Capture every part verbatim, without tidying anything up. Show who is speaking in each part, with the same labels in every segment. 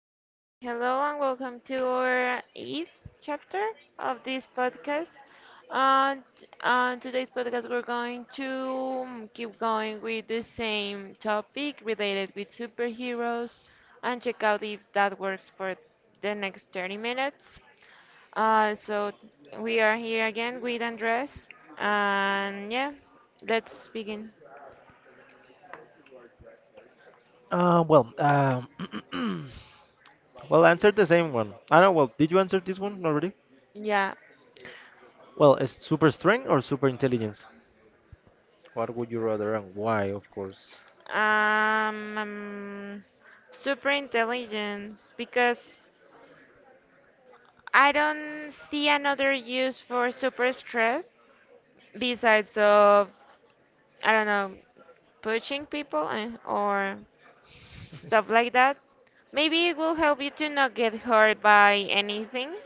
Speaker 1: uh, hello and welcome to our eighth chapter of this podcast. And on today's podcast, we're going to mm, keep going with the same topic related with superheroes and check out if that works for the next thirty minutes. Uh, so we are here again with Andres, and yeah, let's begin.
Speaker 2: Uh, well, um, well, answer the same one. I know. Well, did you answer this one already?
Speaker 1: Yeah.
Speaker 2: Well, is super strength or super intelligence? What would you rather and why, of course?
Speaker 1: Um, um, Super intelligence because I don't see another use for super strength besides of, I don't know, pushing people, eh, or stuff like that. Maybe it will help you to not get hurt by anything,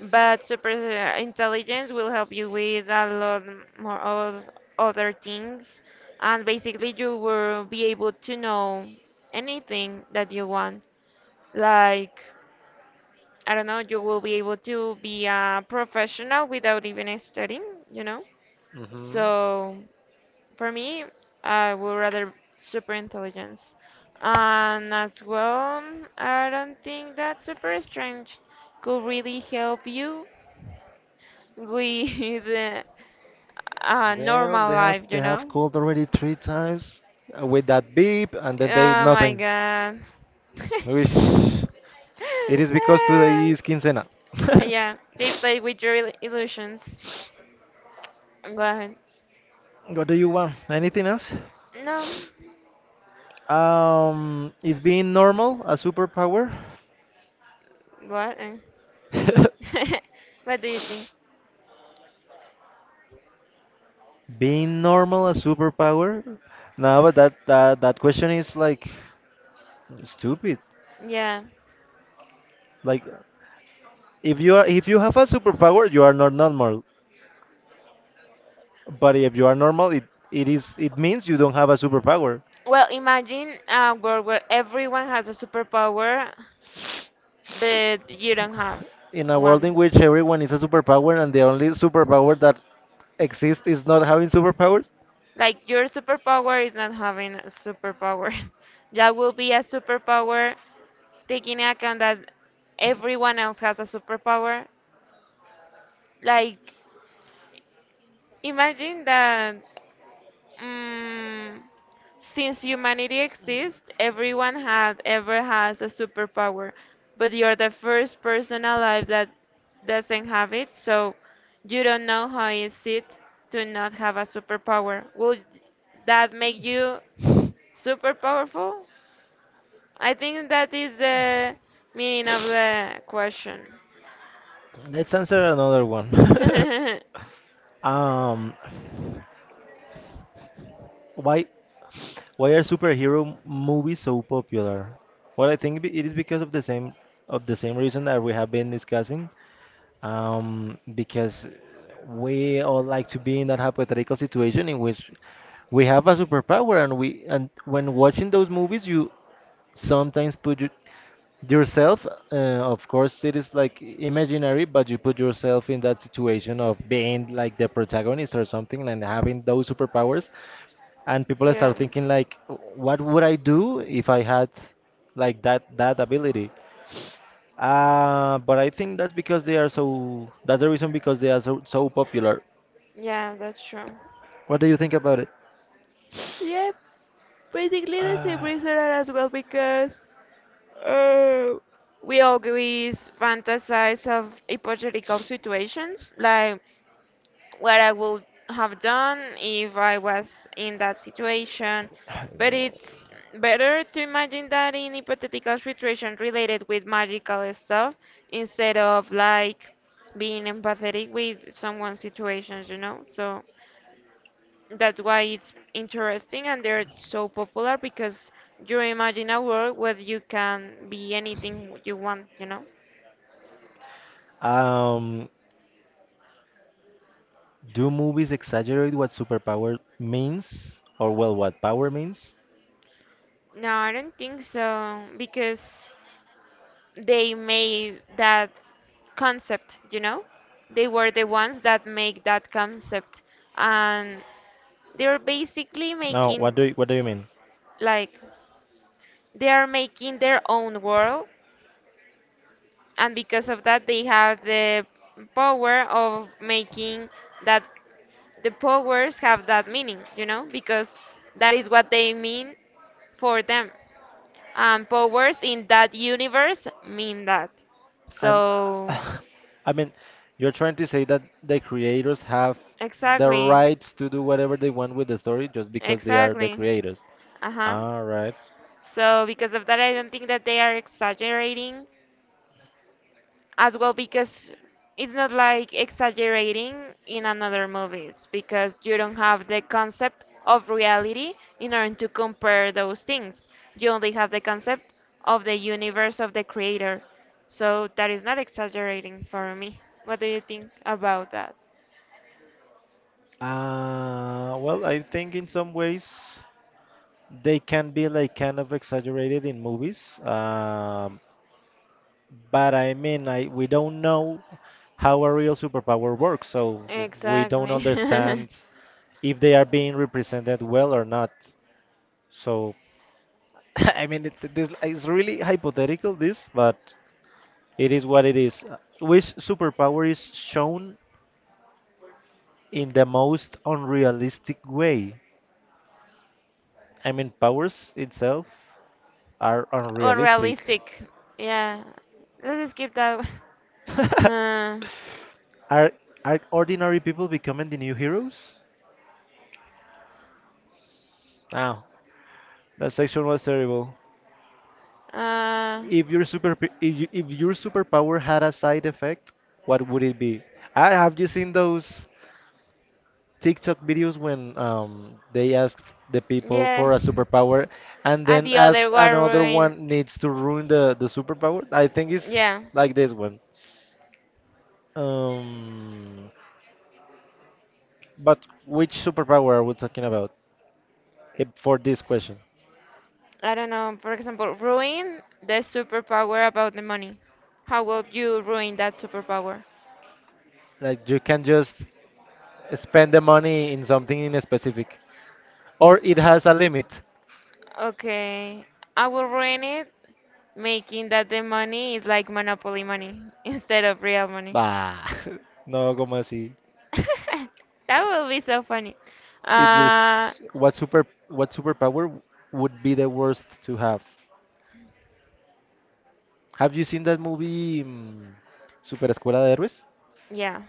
Speaker 1: but super uh, intelligence will help you with a lot more of other things, and basically you will be able to know anything that you want. Like, I don't know, you will be able to be a professional without even studying, you know?
Speaker 2: Hmm.
Speaker 1: So, for me, I would rather super intelligence. And as well, I don't think that super strength could really help you with uh, a
Speaker 2: Damn,
Speaker 1: normal
Speaker 2: they have
Speaker 1: life,
Speaker 2: they
Speaker 1: you
Speaker 2: have
Speaker 1: know?
Speaker 2: called already three times. uh, With that beep, and then they
Speaker 1: Oh my
Speaker 2: nothing.
Speaker 1: god.
Speaker 2: Wish it is because today is quincena.
Speaker 1: Yeah, they play with your il- illusions. Go ahead.
Speaker 2: What do you want? Anything else?
Speaker 1: No.
Speaker 2: Um, is being normal a superpower?
Speaker 1: What? Eh? What do you think?
Speaker 2: Being normal a superpower? No, but that that, that question is like stupid.
Speaker 1: Yeah.
Speaker 2: Like if you are if you have a superpower, you are not normal. But if you are normal, it, it is it means you don't have a superpower.
Speaker 1: Well, imagine a world where everyone has a superpower, but you don't have
Speaker 2: In a world
Speaker 1: one.
Speaker 2: in which everyone is a superpower and the only superpower that exists is not having superpowers.
Speaker 1: Like, your superpower is not having a superpower. That will be a superpower, taking into account that everyone else has a superpower. Like, imagine that. Mm, since humanity exists, everyone had ever has a superpower, but you're the first person alive that doesn't have it, so you don't know how is it to not have a superpower. Would that make you super powerful? I think that is the meaning of the question.
Speaker 2: Let's answer another one. um, why Why are superhero movies so popular? Well, I think it is because of the same of the same reason that we have been discussing. Um, because we all like to be in that hypothetical situation in which we have a superpower, and we and when watching those movies, you sometimes put you, yourself, uh, of course, it is like imaginary, but you put yourself in that situation of being like the protagonist or something and having those superpowers, and people
Speaker 1: Yeah,
Speaker 2: start thinking like what would I do if I had like that that ability. Uh, but I think that's because they are so that's the reason because they are so, so popular.
Speaker 1: yeah, that's true.
Speaker 2: What do you think about it?
Speaker 1: Yeah, basically the same reason as well because Uh, we always fantasize of hypothetical situations, like what I would have done if I was in that situation. But it's better to imagine that in hypothetical situation related with magical stuff instead of like being empathetic with someone's situations, you know? So that's why it's interesting and they're so popular because you imagine a world where you can be anything you want, you know?
Speaker 2: Um, do movies exaggerate what superpower means, or well, what power means?
Speaker 1: No, I don't think so because they made that concept, you know? They were the ones that make that concept, and they're basically making,
Speaker 2: What do you, what do you mean?
Speaker 1: like, they are making their own world, and because of that they have the power of making that the powers have that meaning, you know, because that is what they mean for them. And powers in that universe mean that.
Speaker 2: I'm,
Speaker 1: So,
Speaker 2: I mean, you're trying to say that the creators have the
Speaker 1: exactly.
Speaker 2: rights to do whatever they want with the story just because they are the
Speaker 1: Exactly.
Speaker 2: creators.
Speaker 1: Uh huh.
Speaker 2: All right.
Speaker 1: So, because of that, I don't think that they are exaggerating as well because it's not like exaggerating in another movies because you don't have the concept of reality in order to compare those things. You only have the concept of the universe of the creator. So that is not exaggerating for me. What do you think about that?
Speaker 2: Uh, well, I think in some ways they can be like kind of exaggerated in movies. Um, but I mean, I we don't know how a real superpower works, so w- we don't
Speaker 1: Exactly.
Speaker 2: understand if they are being represented well or not. So I mean, it, this is really hypothetical, this, but it is what it is. Uh, Which superpower is shown in the most unrealistic way? I mean, powers itself are unrealistic.
Speaker 1: Unrealistic. Yeah. Let's skip that one. Uh,
Speaker 2: are are ordinary people becoming the new heroes? Now, that section was terrible.
Speaker 1: uh,
Speaker 2: If your super if, you, if your superpower had a side effect, what would it be? Ah, have you seen those TikTok videos when um, they ask the people
Speaker 1: yeah.
Speaker 2: for a superpower and
Speaker 1: And
Speaker 2: then
Speaker 1: the
Speaker 2: ask
Speaker 1: other one,
Speaker 2: another
Speaker 1: ruin.
Speaker 2: one needs to ruin the, the superpower? I think it's
Speaker 1: Yeah.
Speaker 2: like this one. Um, but which superpower are we talking about eh, for this question?
Speaker 1: I don't know, for example, ruin the superpower about the money. How will you ruin that superpower?
Speaker 2: Like you can just spend the money in something in specific, or it has a limit.
Speaker 1: Okay, I will ruin it making that the money is like monopoly money instead of real money.
Speaker 2: Bah, no, como así.
Speaker 1: That will be so funny.
Speaker 2: If you're
Speaker 1: Uh,
Speaker 2: s- what super what superpower would be the worst to have? Have you seen that movie, mm, Super Escuela de Héroes?
Speaker 1: yeah.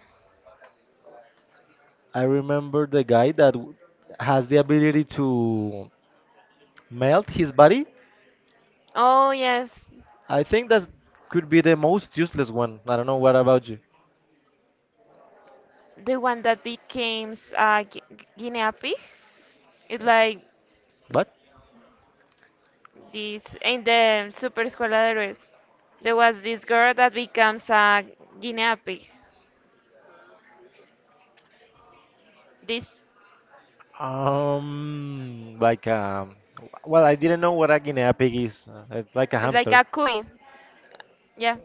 Speaker 2: I remember the guy that w- has the ability to melt his body.
Speaker 1: Oh yes,
Speaker 2: I think that could be the most useless one. I don't know what about you.
Speaker 1: the one that becomes uh, gu- guinea pig. It's like
Speaker 2: What?
Speaker 1: this in the Super Escuela de Héroes, there was this girl that becomes a guinea pig. This,
Speaker 2: Um, like, um, well, I didn't know what a guinea pig is. Uh, It's like a
Speaker 1: it's like
Speaker 2: hamster.
Speaker 1: a cuy, yeah,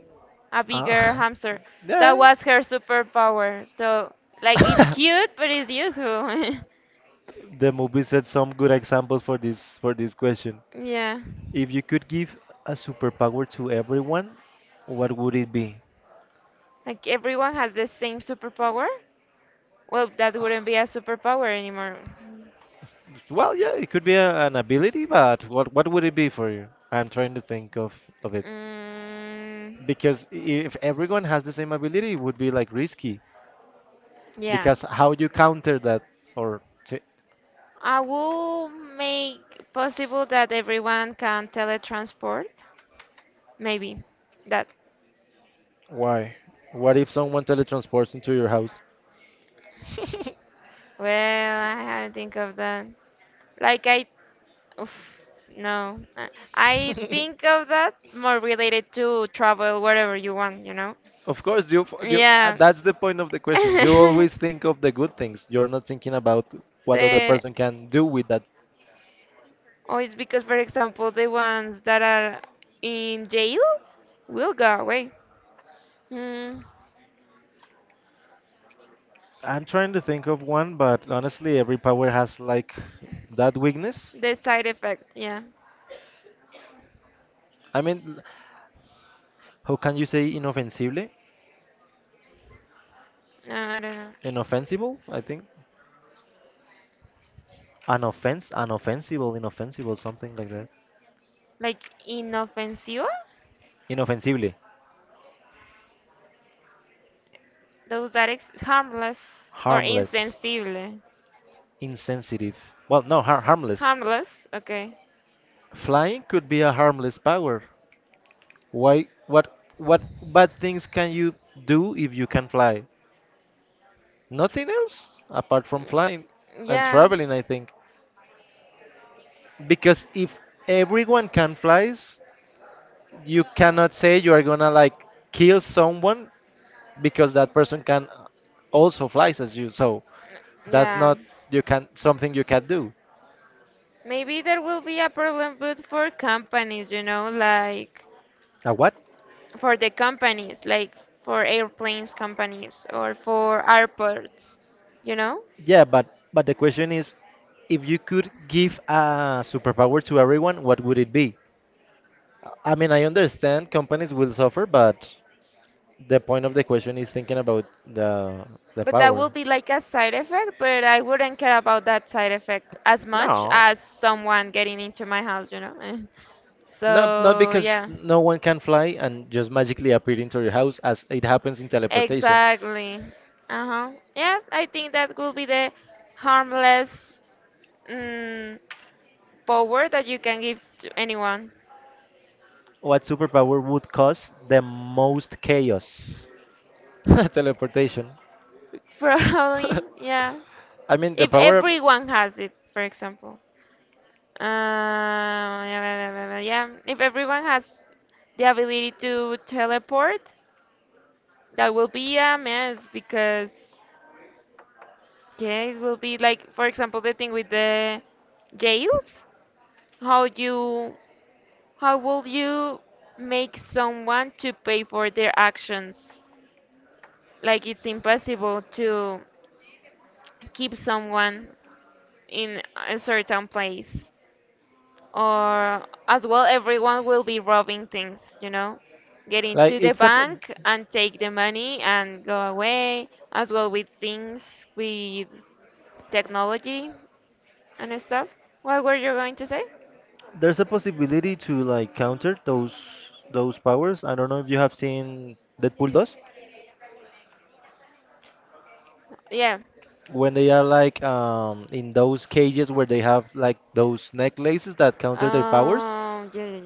Speaker 1: a bigger
Speaker 2: Uh,
Speaker 1: hamster. That
Speaker 2: yeah.
Speaker 1: was her superpower. So like it's cute, but it's useful.
Speaker 2: The movie set some good examples for this for this question.
Speaker 1: Yeah,
Speaker 2: If you could give a superpower to everyone, what would it be?
Speaker 1: like everyone has the same superpower. Well, that wouldn't be a superpower anymore.
Speaker 2: Well, yeah, it could be a, an ability, but what what would it be for you? I'm trying to think of of it
Speaker 1: Mm,
Speaker 2: because i- if everyone has the same ability, it would be like risky
Speaker 1: yeah.
Speaker 2: because how you counter that or t
Speaker 1: I will make possible that everyone can teletransport. Maybe that.
Speaker 2: Why? What if someone teletransports into your house?
Speaker 1: Well, I had to think of that. Like I, oof, no, Uh, I think of that more related to travel wherever you want, you know.
Speaker 2: Of course, you, f- you uh,
Speaker 1: Yeah.
Speaker 2: that's the point of the question. You
Speaker 1: the
Speaker 2: always think of the good things. You're not thinking about what other person can do with that.
Speaker 1: Oh, it's because, for example, the ones that are in jail will go away. Mm,
Speaker 2: I'm trying to think of one, but honestly, every power has like that weakness.
Speaker 1: the side effect, yeah.
Speaker 2: I mean, how can you say inoffensible?
Speaker 1: Uh, I don't know.
Speaker 2: Inoffensible, I think. Unoffense, unoffensible, inoffensible, something like that.
Speaker 1: Like, inofensiva,
Speaker 2: Inoffensible,
Speaker 1: those that ex harmless, or
Speaker 2: harmless,
Speaker 1: insensible.
Speaker 2: insensitive. Well, no, har harmless.
Speaker 1: Harmless, okay.
Speaker 2: Flying could be a harmless power. Why, what, what bad things can you do if you can fly? Nothing else apart from flying and
Speaker 1: Yeah,
Speaker 2: traveling, I think. Because if everyone can flies, you cannot say you are gonna like kill someone because that person can also flies as you. So that's
Speaker 1: yeah.
Speaker 2: not you can something you can do.
Speaker 1: Maybe there will be a problem, but for companies, you know, like
Speaker 2: A what?
Speaker 1: for the companies, like for airplanes companies or for airports, you know?
Speaker 2: Yeah, but but the question is, if you could give a superpower to everyone, what would it be? I mean, I understand companies will suffer, but the point of the question is thinking about the the
Speaker 1: But that will
Speaker 2: power.
Speaker 1: be like a side effect, but I wouldn't care about that side effect as much
Speaker 2: No,
Speaker 1: as someone getting into my house, you know?
Speaker 2: not not
Speaker 1: So,
Speaker 2: because
Speaker 1: yeah,
Speaker 2: no one can fly and just magically appear into your house as it happens in teleportation.
Speaker 1: exactly. Uh-huh. Yeah, I think that will be the harmless, Mm, power that you can give to anyone.
Speaker 2: What superpower would cause the most chaos? Teleportation.
Speaker 1: Probably, yeah.
Speaker 2: I mean, the
Speaker 1: If
Speaker 2: power
Speaker 1: everyone has it, for example. Uh, yeah, yeah, if everyone has the ability to teleport, that will be a mess because, yeah, it will be like, for example, the thing with the jails. How you, how will you make someone to pay for their actions? Like, it's impossible to keep someone in a certain place. Or as well, everyone will be robbing things, you know? Get
Speaker 2: like
Speaker 1: into the
Speaker 2: it's a p-
Speaker 1: bank and take the money and go away, as well with things, with technology and stuff. What were you going to say?
Speaker 2: There's a possibility to like counter those those powers. I don't know if you have seen Deadpool does
Speaker 1: Yeah.
Speaker 2: when they are like um in those cages where they have like those necklaces that counter their powers.
Speaker 1: Um, yeah. yeah,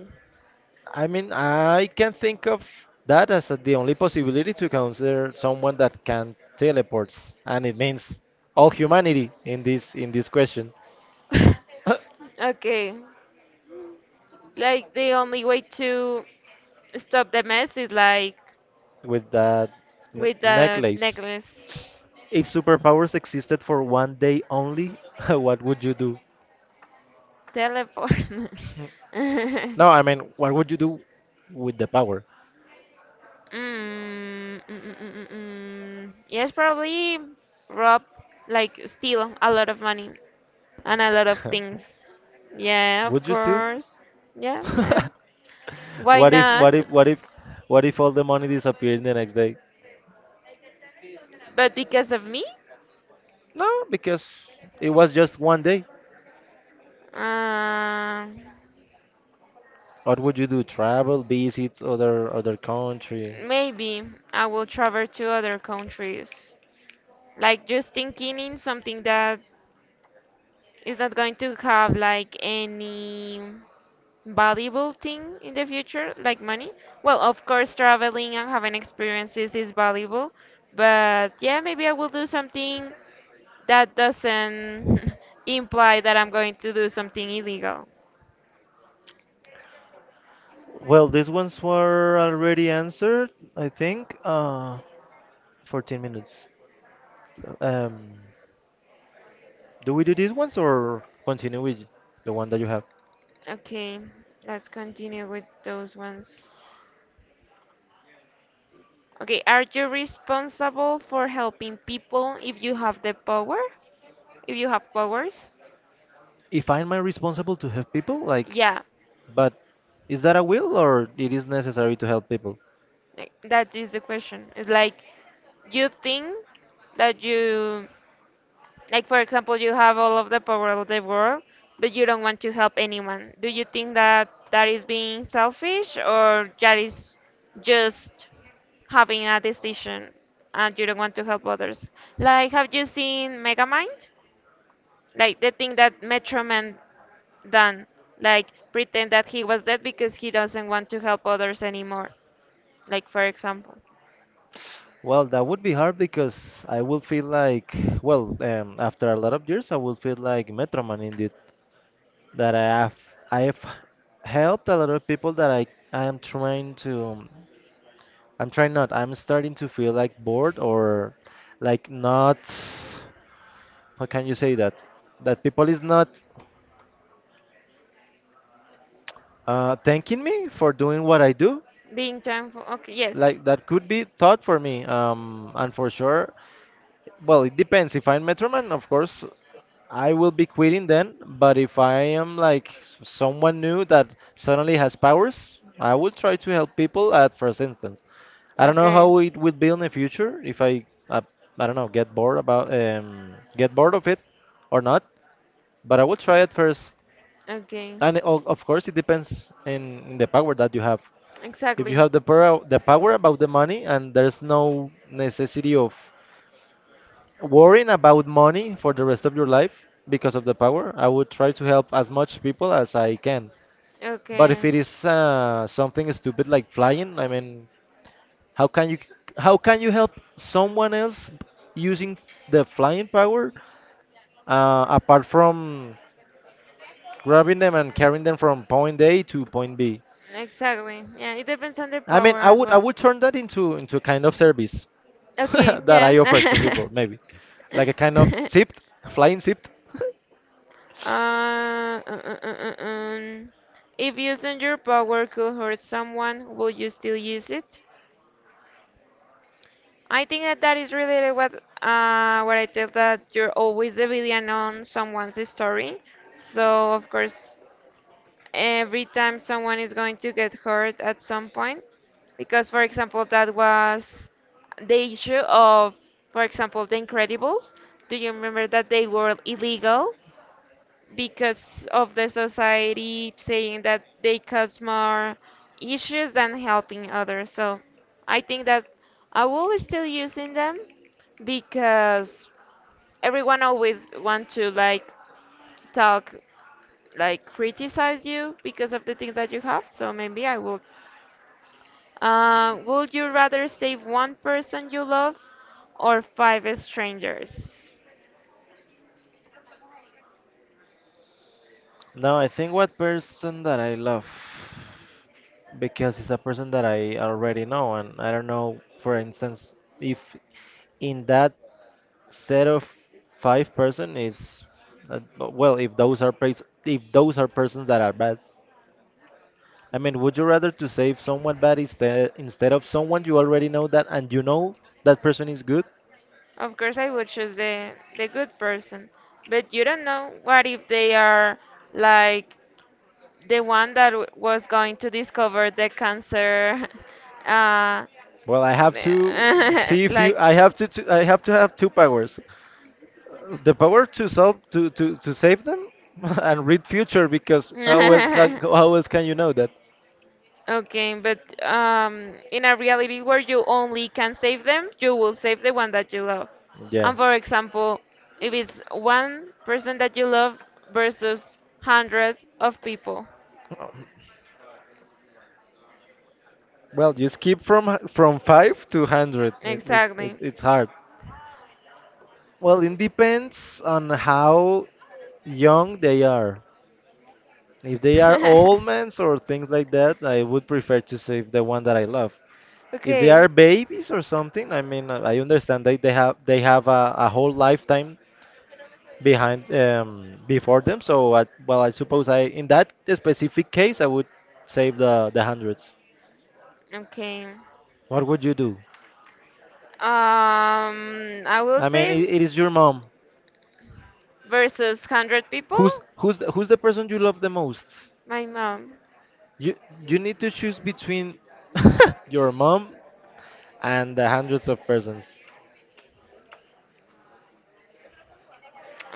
Speaker 2: I mean, I can think of that as a- the only possibility to counter someone that can teleport, and it means all humanity in this in this question.
Speaker 1: yeah. Okay. Like the only way to stop the mess is like
Speaker 2: with that n-
Speaker 1: with the
Speaker 2: necklace.
Speaker 1: necklace
Speaker 2: If superpowers existed for one day only, what would you do?
Speaker 1: teleport.
Speaker 2: No, I mean, what would you do with the power?
Speaker 1: Mm, mm, mm, mm, mm, mm. Yes, probably rob, like steal a lot of money and a lot of things. Yeah, of
Speaker 2: Would you still?
Speaker 1: course. Yeah, yeah. Why
Speaker 2: what if what
Speaker 1: not?
Speaker 2: if what if what if all the money disappeared the next day?
Speaker 1: But because of me?
Speaker 2: No, because it was just one day.
Speaker 1: Uh,
Speaker 2: What would you do? Travel, visit other other country?
Speaker 1: maybe I will travel to other countries. Like just thinking in something that is not going to have like any, valuable thing in the future, like money? Well, of course, traveling and having experiences is valuable, but yeah, maybe I will do something that doesn't imply that I'm going to do something illegal.
Speaker 2: Well, these ones were already answered, I think. Uh, 14 minutes. Um, do we do these ones or continue with the one that you have?
Speaker 1: Okay, let's continue with those ones. Okay, are you responsible for helping people if you have the power? If you have powers?
Speaker 2: If I'm responsible to help people, like,
Speaker 1: Yeah,
Speaker 2: but is that a will or it is necessary to help people?
Speaker 1: like, that is the question. It's like you think that you Like, for example, you have all of the power of the world, but you don't want to help anyone. Do you think that that is being selfish or that is just having a decision and you don't want to help others? Like, have you seen Megamind? Like, the thing that Metro Man done, like, pretend that he was dead because he doesn't want to help others anymore. Like, for example,
Speaker 2: Well, that would be hard because I will feel like, well, um, after a lot of years, I will feel like Metroman indeed, that I have I have helped a lot of people that I I am trying to I'm trying not I'm starting to feel like bored or like not. How can you say that that people is not uh, thanking me for doing what I do?
Speaker 1: being thankful. Okay, yes.
Speaker 2: Like that could be thought for me, um, and for sure, well, it depends. If I'm Metroman, of course I will be quitting then. But if I am like someone new that suddenly has powers, I will try to help people at first instance. I don't know
Speaker 1: Okay.
Speaker 2: how it will be in the future if I I, I don't know, get bored about um, get bored of it or not. But I will try at first,
Speaker 1: Okay,
Speaker 2: and o- of course it depends in, in the power that you have. If you
Speaker 1: exactly.
Speaker 2: have the power the power about the money, and there's no necessity of worrying about money for the rest of your life because of the power, I would try to help as much people as I can. But if
Speaker 1: Okay,
Speaker 2: it is uh, something stupid like flying, I mean, how can you how can you help someone else using the flying power, uh, apart from grabbing them and carrying them from point A to point B?
Speaker 1: exactly. Yeah, it depends on the
Speaker 2: I mean,
Speaker 1: power
Speaker 2: I
Speaker 1: as
Speaker 2: would I
Speaker 1: well.
Speaker 2: would turn that into into a kind of service
Speaker 1: Okay,
Speaker 2: that
Speaker 1: yeah.
Speaker 2: I offer to people, maybe, like a kind of zipped, flying zipped.
Speaker 1: uh, uh, uh, uh, uh, um, if using your power could hurt someone, would you still use it? I think that that is related what uh what I tell that you're always the villain on someone's story. So of course, every time someone is going to get hurt at some point, because for example that was the issue of, for example, The Incredibles. Do you remember that they were illegal? Because of the society saying that they cause more issues than helping others. So I think that I will still using them because everyone always want to like talk, like criticize you because of the things that you have. So maybe I will. Uh, would you rather save one person you love or five strangers?
Speaker 2: Now I think what person that I love, because it's a person that I already know, and I don't know, for instance, if in that set of five person is uh, well, if those are pers- if those are persons that are bad. I mean, would you rather to save someone bad instead instead of someone you already know that and you know that person is good?
Speaker 1: Of course, I would choose the the good person, but you don't know what if they are like the one that w was going to discover the cancer, uh,
Speaker 2: Well, I have to see if you.
Speaker 1: like.
Speaker 2: I have to. to I have to have two powers. Uh, The power to solve to to to save them and read future, because how else can, how else can you know that?
Speaker 1: Okay, but um, in a reality where you only can save them, you will save the one that you love.
Speaker 2: Yeah.
Speaker 1: And for example, if it's one person that you love versus hundred of people.
Speaker 2: Um, Well, you skip from h- from five to hundred. It, it, it,
Speaker 1: Exactly.
Speaker 2: it's hard. Well, it depends on how young they are. If they are old men or things like that, I would prefer to save the one that I love. If they
Speaker 1: Okay,
Speaker 2: are babies or something, I mean, uh, I understand that they have they have a, a whole lifetime behind, um, before them. So, I, well, I suppose I in that specific case, I would save the the hundreds.
Speaker 1: okay.
Speaker 2: What would you do?
Speaker 1: Um, I will
Speaker 2: I mean,
Speaker 1: save
Speaker 2: it, it is your mom.
Speaker 1: versus hundred people.
Speaker 2: Who's who's the- who's the person you love the most?
Speaker 1: My mom.
Speaker 2: You you need to choose between your mom and the hundreds of persons.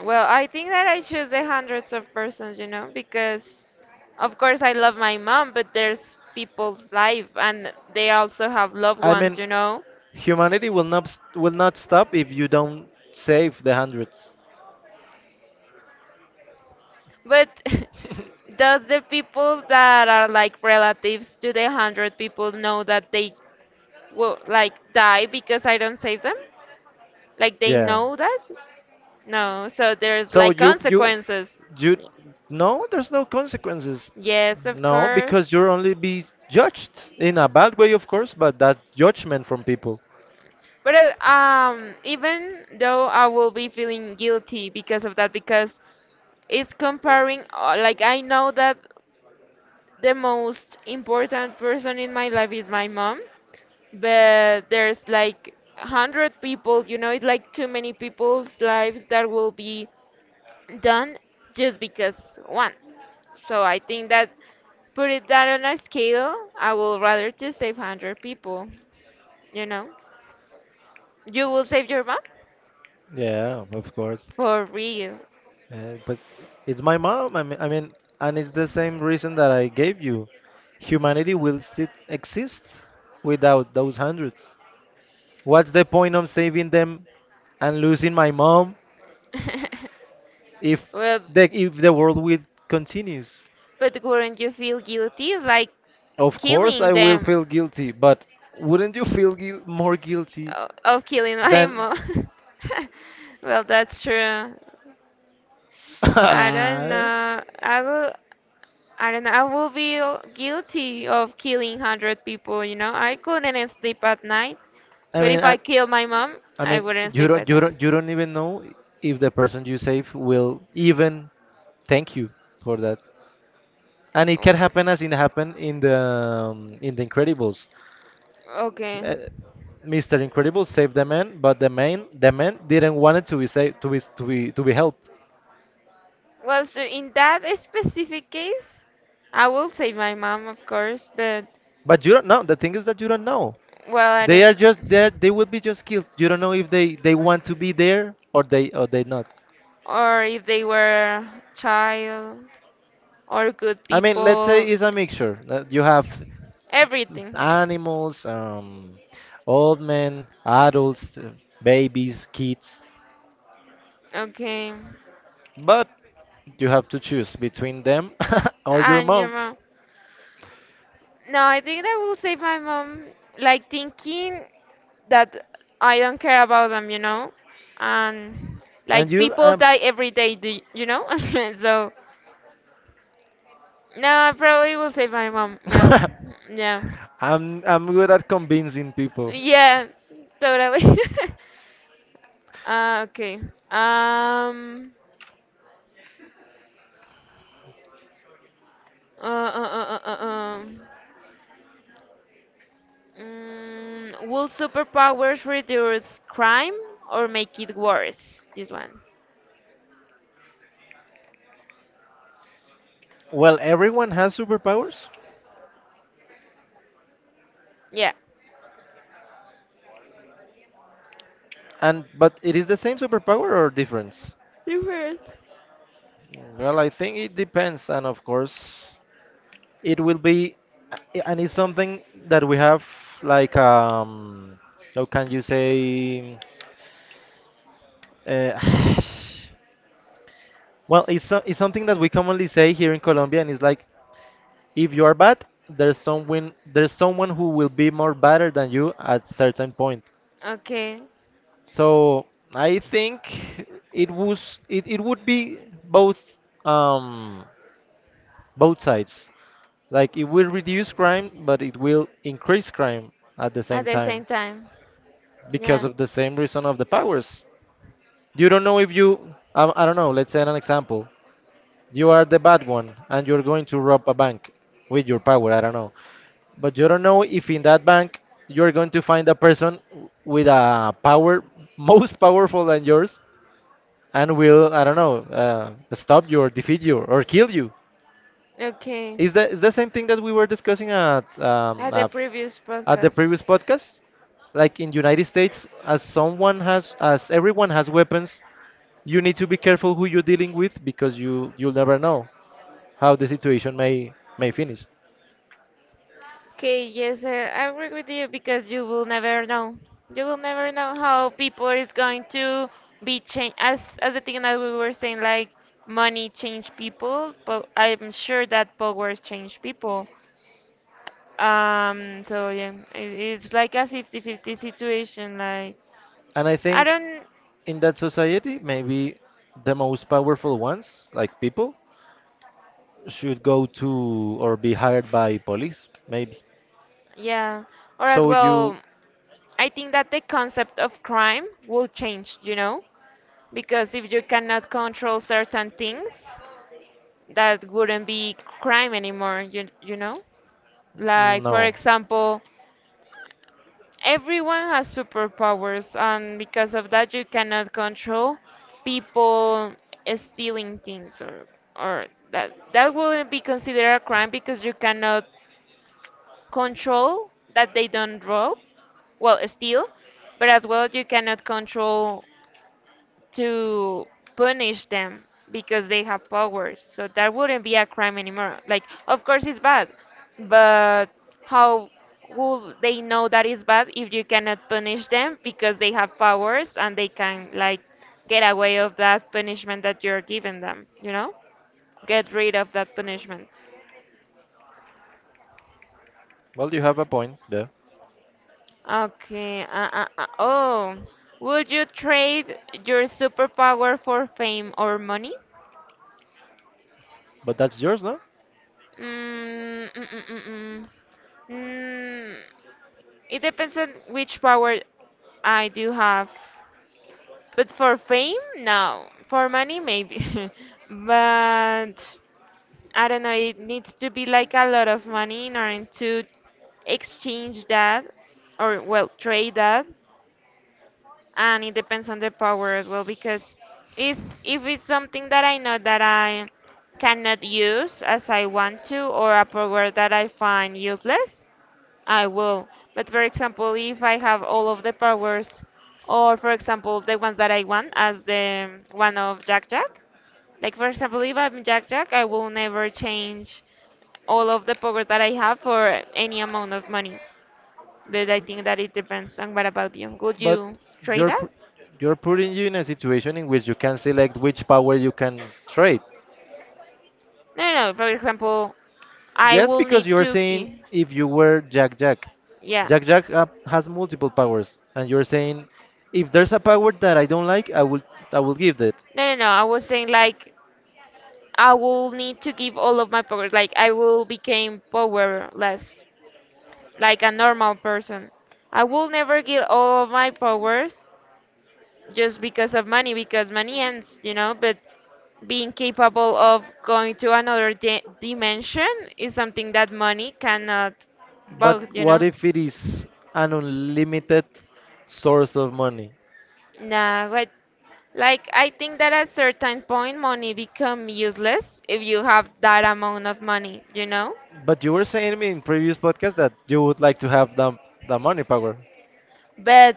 Speaker 1: Well, I think that I choose the hundreds of persons, you know, because of course, I love my mom, but there's people's life and they also have loved
Speaker 2: I mean,
Speaker 1: ones, you know?
Speaker 2: humanity will not s- will not stop if you don't save the hundreds.
Speaker 1: But does the people that are like relatives to the hundred people know that they will like die because I don't save them? Like, they
Speaker 2: Yeah.
Speaker 1: know that? No, so there's
Speaker 2: So
Speaker 1: like
Speaker 2: you you
Speaker 1: consequences.
Speaker 2: you no, there's no consequences.
Speaker 1: Yes, of
Speaker 2: No, because
Speaker 1: course.
Speaker 2: you're only be judged in a bad way, of course, but that's judgment from people.
Speaker 1: But uh, um, Even though I will be feeling guilty because of that, because it's comparing, uh, like I know that the most important person in my life is my mom, but there's like one hundred people, you know, it's like too many people's lives that will be done just because one. So I think that put it that on a scale, I will rather just save one hundred people, you know. You will save your mom?
Speaker 2: Yeah, of course.
Speaker 1: For real.
Speaker 2: Uh, but it's my mom. I mean, I mean, and it's the same reason that I gave you. Humanity will still exist without those hundreds. What's the point of saving them and losing my mom if
Speaker 1: Well,
Speaker 2: the if the world will continues?
Speaker 1: but wouldn't you feel guilty like
Speaker 2: Of course,
Speaker 1: killing
Speaker 2: I will
Speaker 1: them?
Speaker 2: feel guilty, but wouldn't you feel guil more guilty
Speaker 1: O- of
Speaker 2: than?
Speaker 1: Kilinaimo. Well, that's true. I don't
Speaker 2: I
Speaker 1: know. I will. I don't know. I will be guilty of killing hundred people. You know, I couldn't sleep at night. But
Speaker 2: mean,
Speaker 1: if I
Speaker 2: I,
Speaker 1: kill my mom,
Speaker 2: I
Speaker 1: I
Speaker 2: mean,
Speaker 1: wouldn't
Speaker 2: you
Speaker 1: sleep
Speaker 2: don't,
Speaker 1: at
Speaker 2: you
Speaker 1: night.
Speaker 2: don't, you don't even know if the person you save will even thank you for that. And it can
Speaker 1: Oh,
Speaker 2: happen as it happened in the um, in the Incredibles.
Speaker 1: okay.
Speaker 2: Uh, mister Incredible saved the man, but the man, the man didn't want it to be saved, to be to be to be helped.
Speaker 1: Well, so in that specific case, I will say my mom, of course. But
Speaker 2: But you don't know. The thing is that you don't know.
Speaker 1: well, I
Speaker 2: They are
Speaker 1: don't.
Speaker 2: just there. They will be just killed. You don't know if they they want to be there or they or they not.
Speaker 1: Or if they were child. Or good
Speaker 2: I mean, let's say
Speaker 1: people,
Speaker 2: it's a mixture. Uh, You have
Speaker 1: everything.
Speaker 2: animals, um, old men, adults, uh, babies, kids,
Speaker 1: Okay.
Speaker 2: but you have to choose between them or your
Speaker 1: And your
Speaker 2: mom.
Speaker 1: mom? No, I think that will save my mom, like thinking that I don't care about them, you know? And
Speaker 2: And
Speaker 1: like
Speaker 2: you,
Speaker 1: people
Speaker 2: um,
Speaker 1: die every day, do y- you know? So, no, I probably will save my mom. Yeah. Yeah.
Speaker 2: I'm I'm good at convincing people.
Speaker 1: Yeah, totally. uh, okay. Um, uh, uh, uh, uh, uh, um. Mm, will superpowers reduce crime or make it worse? This one.
Speaker 2: Well, everyone has superpowers.
Speaker 1: Yeah.
Speaker 2: And but it is the same superpower or difference?
Speaker 1: Different.
Speaker 2: Well, I think it depends, and of course, it will be, and it's something that we have like um, how can you say? Uh, well, it's so, it's something that we commonly say here in Colombia, and it's like if you are bad, there's someone there's someone who will be more better than you at certain point.
Speaker 1: Okay.
Speaker 2: So I think it was it, it would be both um both sides. Like it will reduce crime, but it will increase crime at the
Speaker 1: At
Speaker 2: same
Speaker 1: the
Speaker 2: time
Speaker 1: same time.
Speaker 2: because
Speaker 1: Yeah.
Speaker 2: of the same reason of the powers. You don't know if you, I, I don't know, let's say an example. You are the bad one and you're going to rob a bank with your power, I don't know. But you don't know if in that bank you're going to find a person with a power most powerful than yours and will, I don't know, uh, stop you or defeat you or kill you. Is
Speaker 1: Okay.
Speaker 2: the is the same thing that we were discussing at
Speaker 1: At
Speaker 2: um,
Speaker 1: the
Speaker 2: a
Speaker 1: previous
Speaker 2: at the
Speaker 1: podcast.
Speaker 2: previous podcast, like in United States, as someone has, as everyone has weapons, you need to be careful who you're dealing with because you you'll never know how the situation may may finish.
Speaker 1: Okay, yes, uh, I agree with you because you will never know. You will never know how people is going to be changed. As as the thing that we were saying, like money change people, but I'm sure that powers change people. Um, so yeah, it, it's like a fifty-fifty situation. Like,
Speaker 2: And I
Speaker 1: I
Speaker 2: think
Speaker 1: don't,
Speaker 2: in that society, maybe the most powerful ones, like people, should go to or be hired by police, maybe.
Speaker 1: yeah, or as
Speaker 2: So you,
Speaker 1: well, I think that the concept of crime will change, you know, because if you cannot control certain things, that wouldn't be crime anymore, you, you know? Like, for
Speaker 2: no.
Speaker 1: example, everyone has superpowers, and because of that, you cannot control people stealing things, or or that that wouldn't be considered a crime because you cannot control that they don't rob, well, steal. But as well, you cannot control to punish them because they have powers. So that wouldn't be a crime anymore. Like, of course it's bad, but how will they know that is bad if you cannot punish them because they have powers and they can like get away of that punishment that you're giving them, you know? Get rid of that punishment.
Speaker 2: Well, you have a point there,
Speaker 1: Okay. Uh, uh, uh, oh, would you trade your superpower for fame or money?
Speaker 2: but that's yours, no?
Speaker 1: Mm, mm, mm, mm, mm. Mm, it depends on which power I do have. But for fame, no. For money, maybe. But I don't know, it needs to be like a lot of money in order to exchange that, or, well, trade that. And it depends on the power as well because is if it's something that I know that I cannot use as I want to, or a power that I find useless, I will. But for example, if I have all of the powers, or for example, the ones that I want, as the one of Jack Jack, like for example, if I'm Jack Jack, I will never change all of the powers that I have for any amount of money. But I think that it depends. And what about you? Would
Speaker 2: But
Speaker 1: you trade
Speaker 2: you're
Speaker 1: that?
Speaker 2: pu- you're putting you in a situation in which you can select which power you can trade.
Speaker 1: No, no. no. For example, I
Speaker 2: Yes,
Speaker 1: will
Speaker 2: because
Speaker 1: need
Speaker 2: you're
Speaker 1: to.
Speaker 2: saying
Speaker 1: Gi-
Speaker 2: if you were Jack Jack,
Speaker 1: Yeah.
Speaker 2: Jack Jack uh, has multiple powers, and you're saying if there's a power that I don't like, I will I will give that.
Speaker 1: No, no, no. I was saying like I will need to give all of my powers. Like I will become powerless, like a normal person. I will never get all of my powers just because of money, because money ends, you know, but being capable of going to another di- dimension is something that money cannot
Speaker 2: But
Speaker 1: buy, you
Speaker 2: what
Speaker 1: know.
Speaker 2: if it is an unlimited source of money?
Speaker 1: Nah, but Like, I think that at certain point, money become useless if you have that amount of money, you know?
Speaker 2: But you were saying in previous podcast that you would like to have the the money power.
Speaker 1: But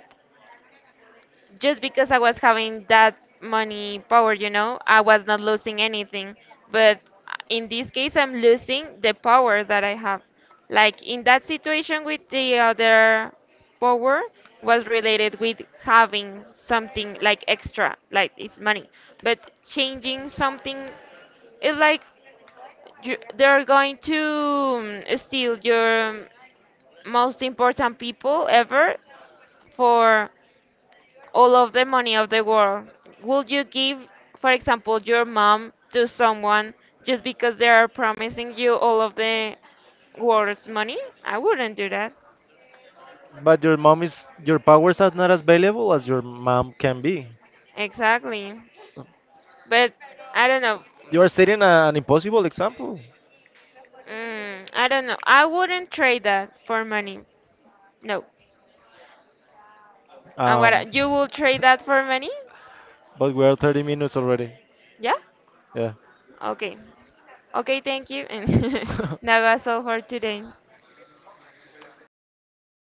Speaker 1: just because I was having that money power, you know, I was not losing anything. But in this case, I'm losing the power that I have. Like in that situation with the other power was related with having something like extra, like it's money. But changing something is like you, they're going to um, steal your um, most important people ever for all of the money of the world. Would you give, for example, your mom to someone just because they are promising you all of the world's money? I wouldn't do that.
Speaker 2: But your mom is your powers are not as valuable as your mom can be.
Speaker 1: Exactly. But I don't know.
Speaker 2: You are setting a- an impossible example.
Speaker 1: Mm, I don't know. I wouldn't trade that for money. No. And
Speaker 2: Um,
Speaker 1: what you will trade that for money?
Speaker 2: but we are thirty minutes already.
Speaker 1: Yeah?
Speaker 2: Yeah.
Speaker 1: Okay. Okay, thank you. And that was all for today.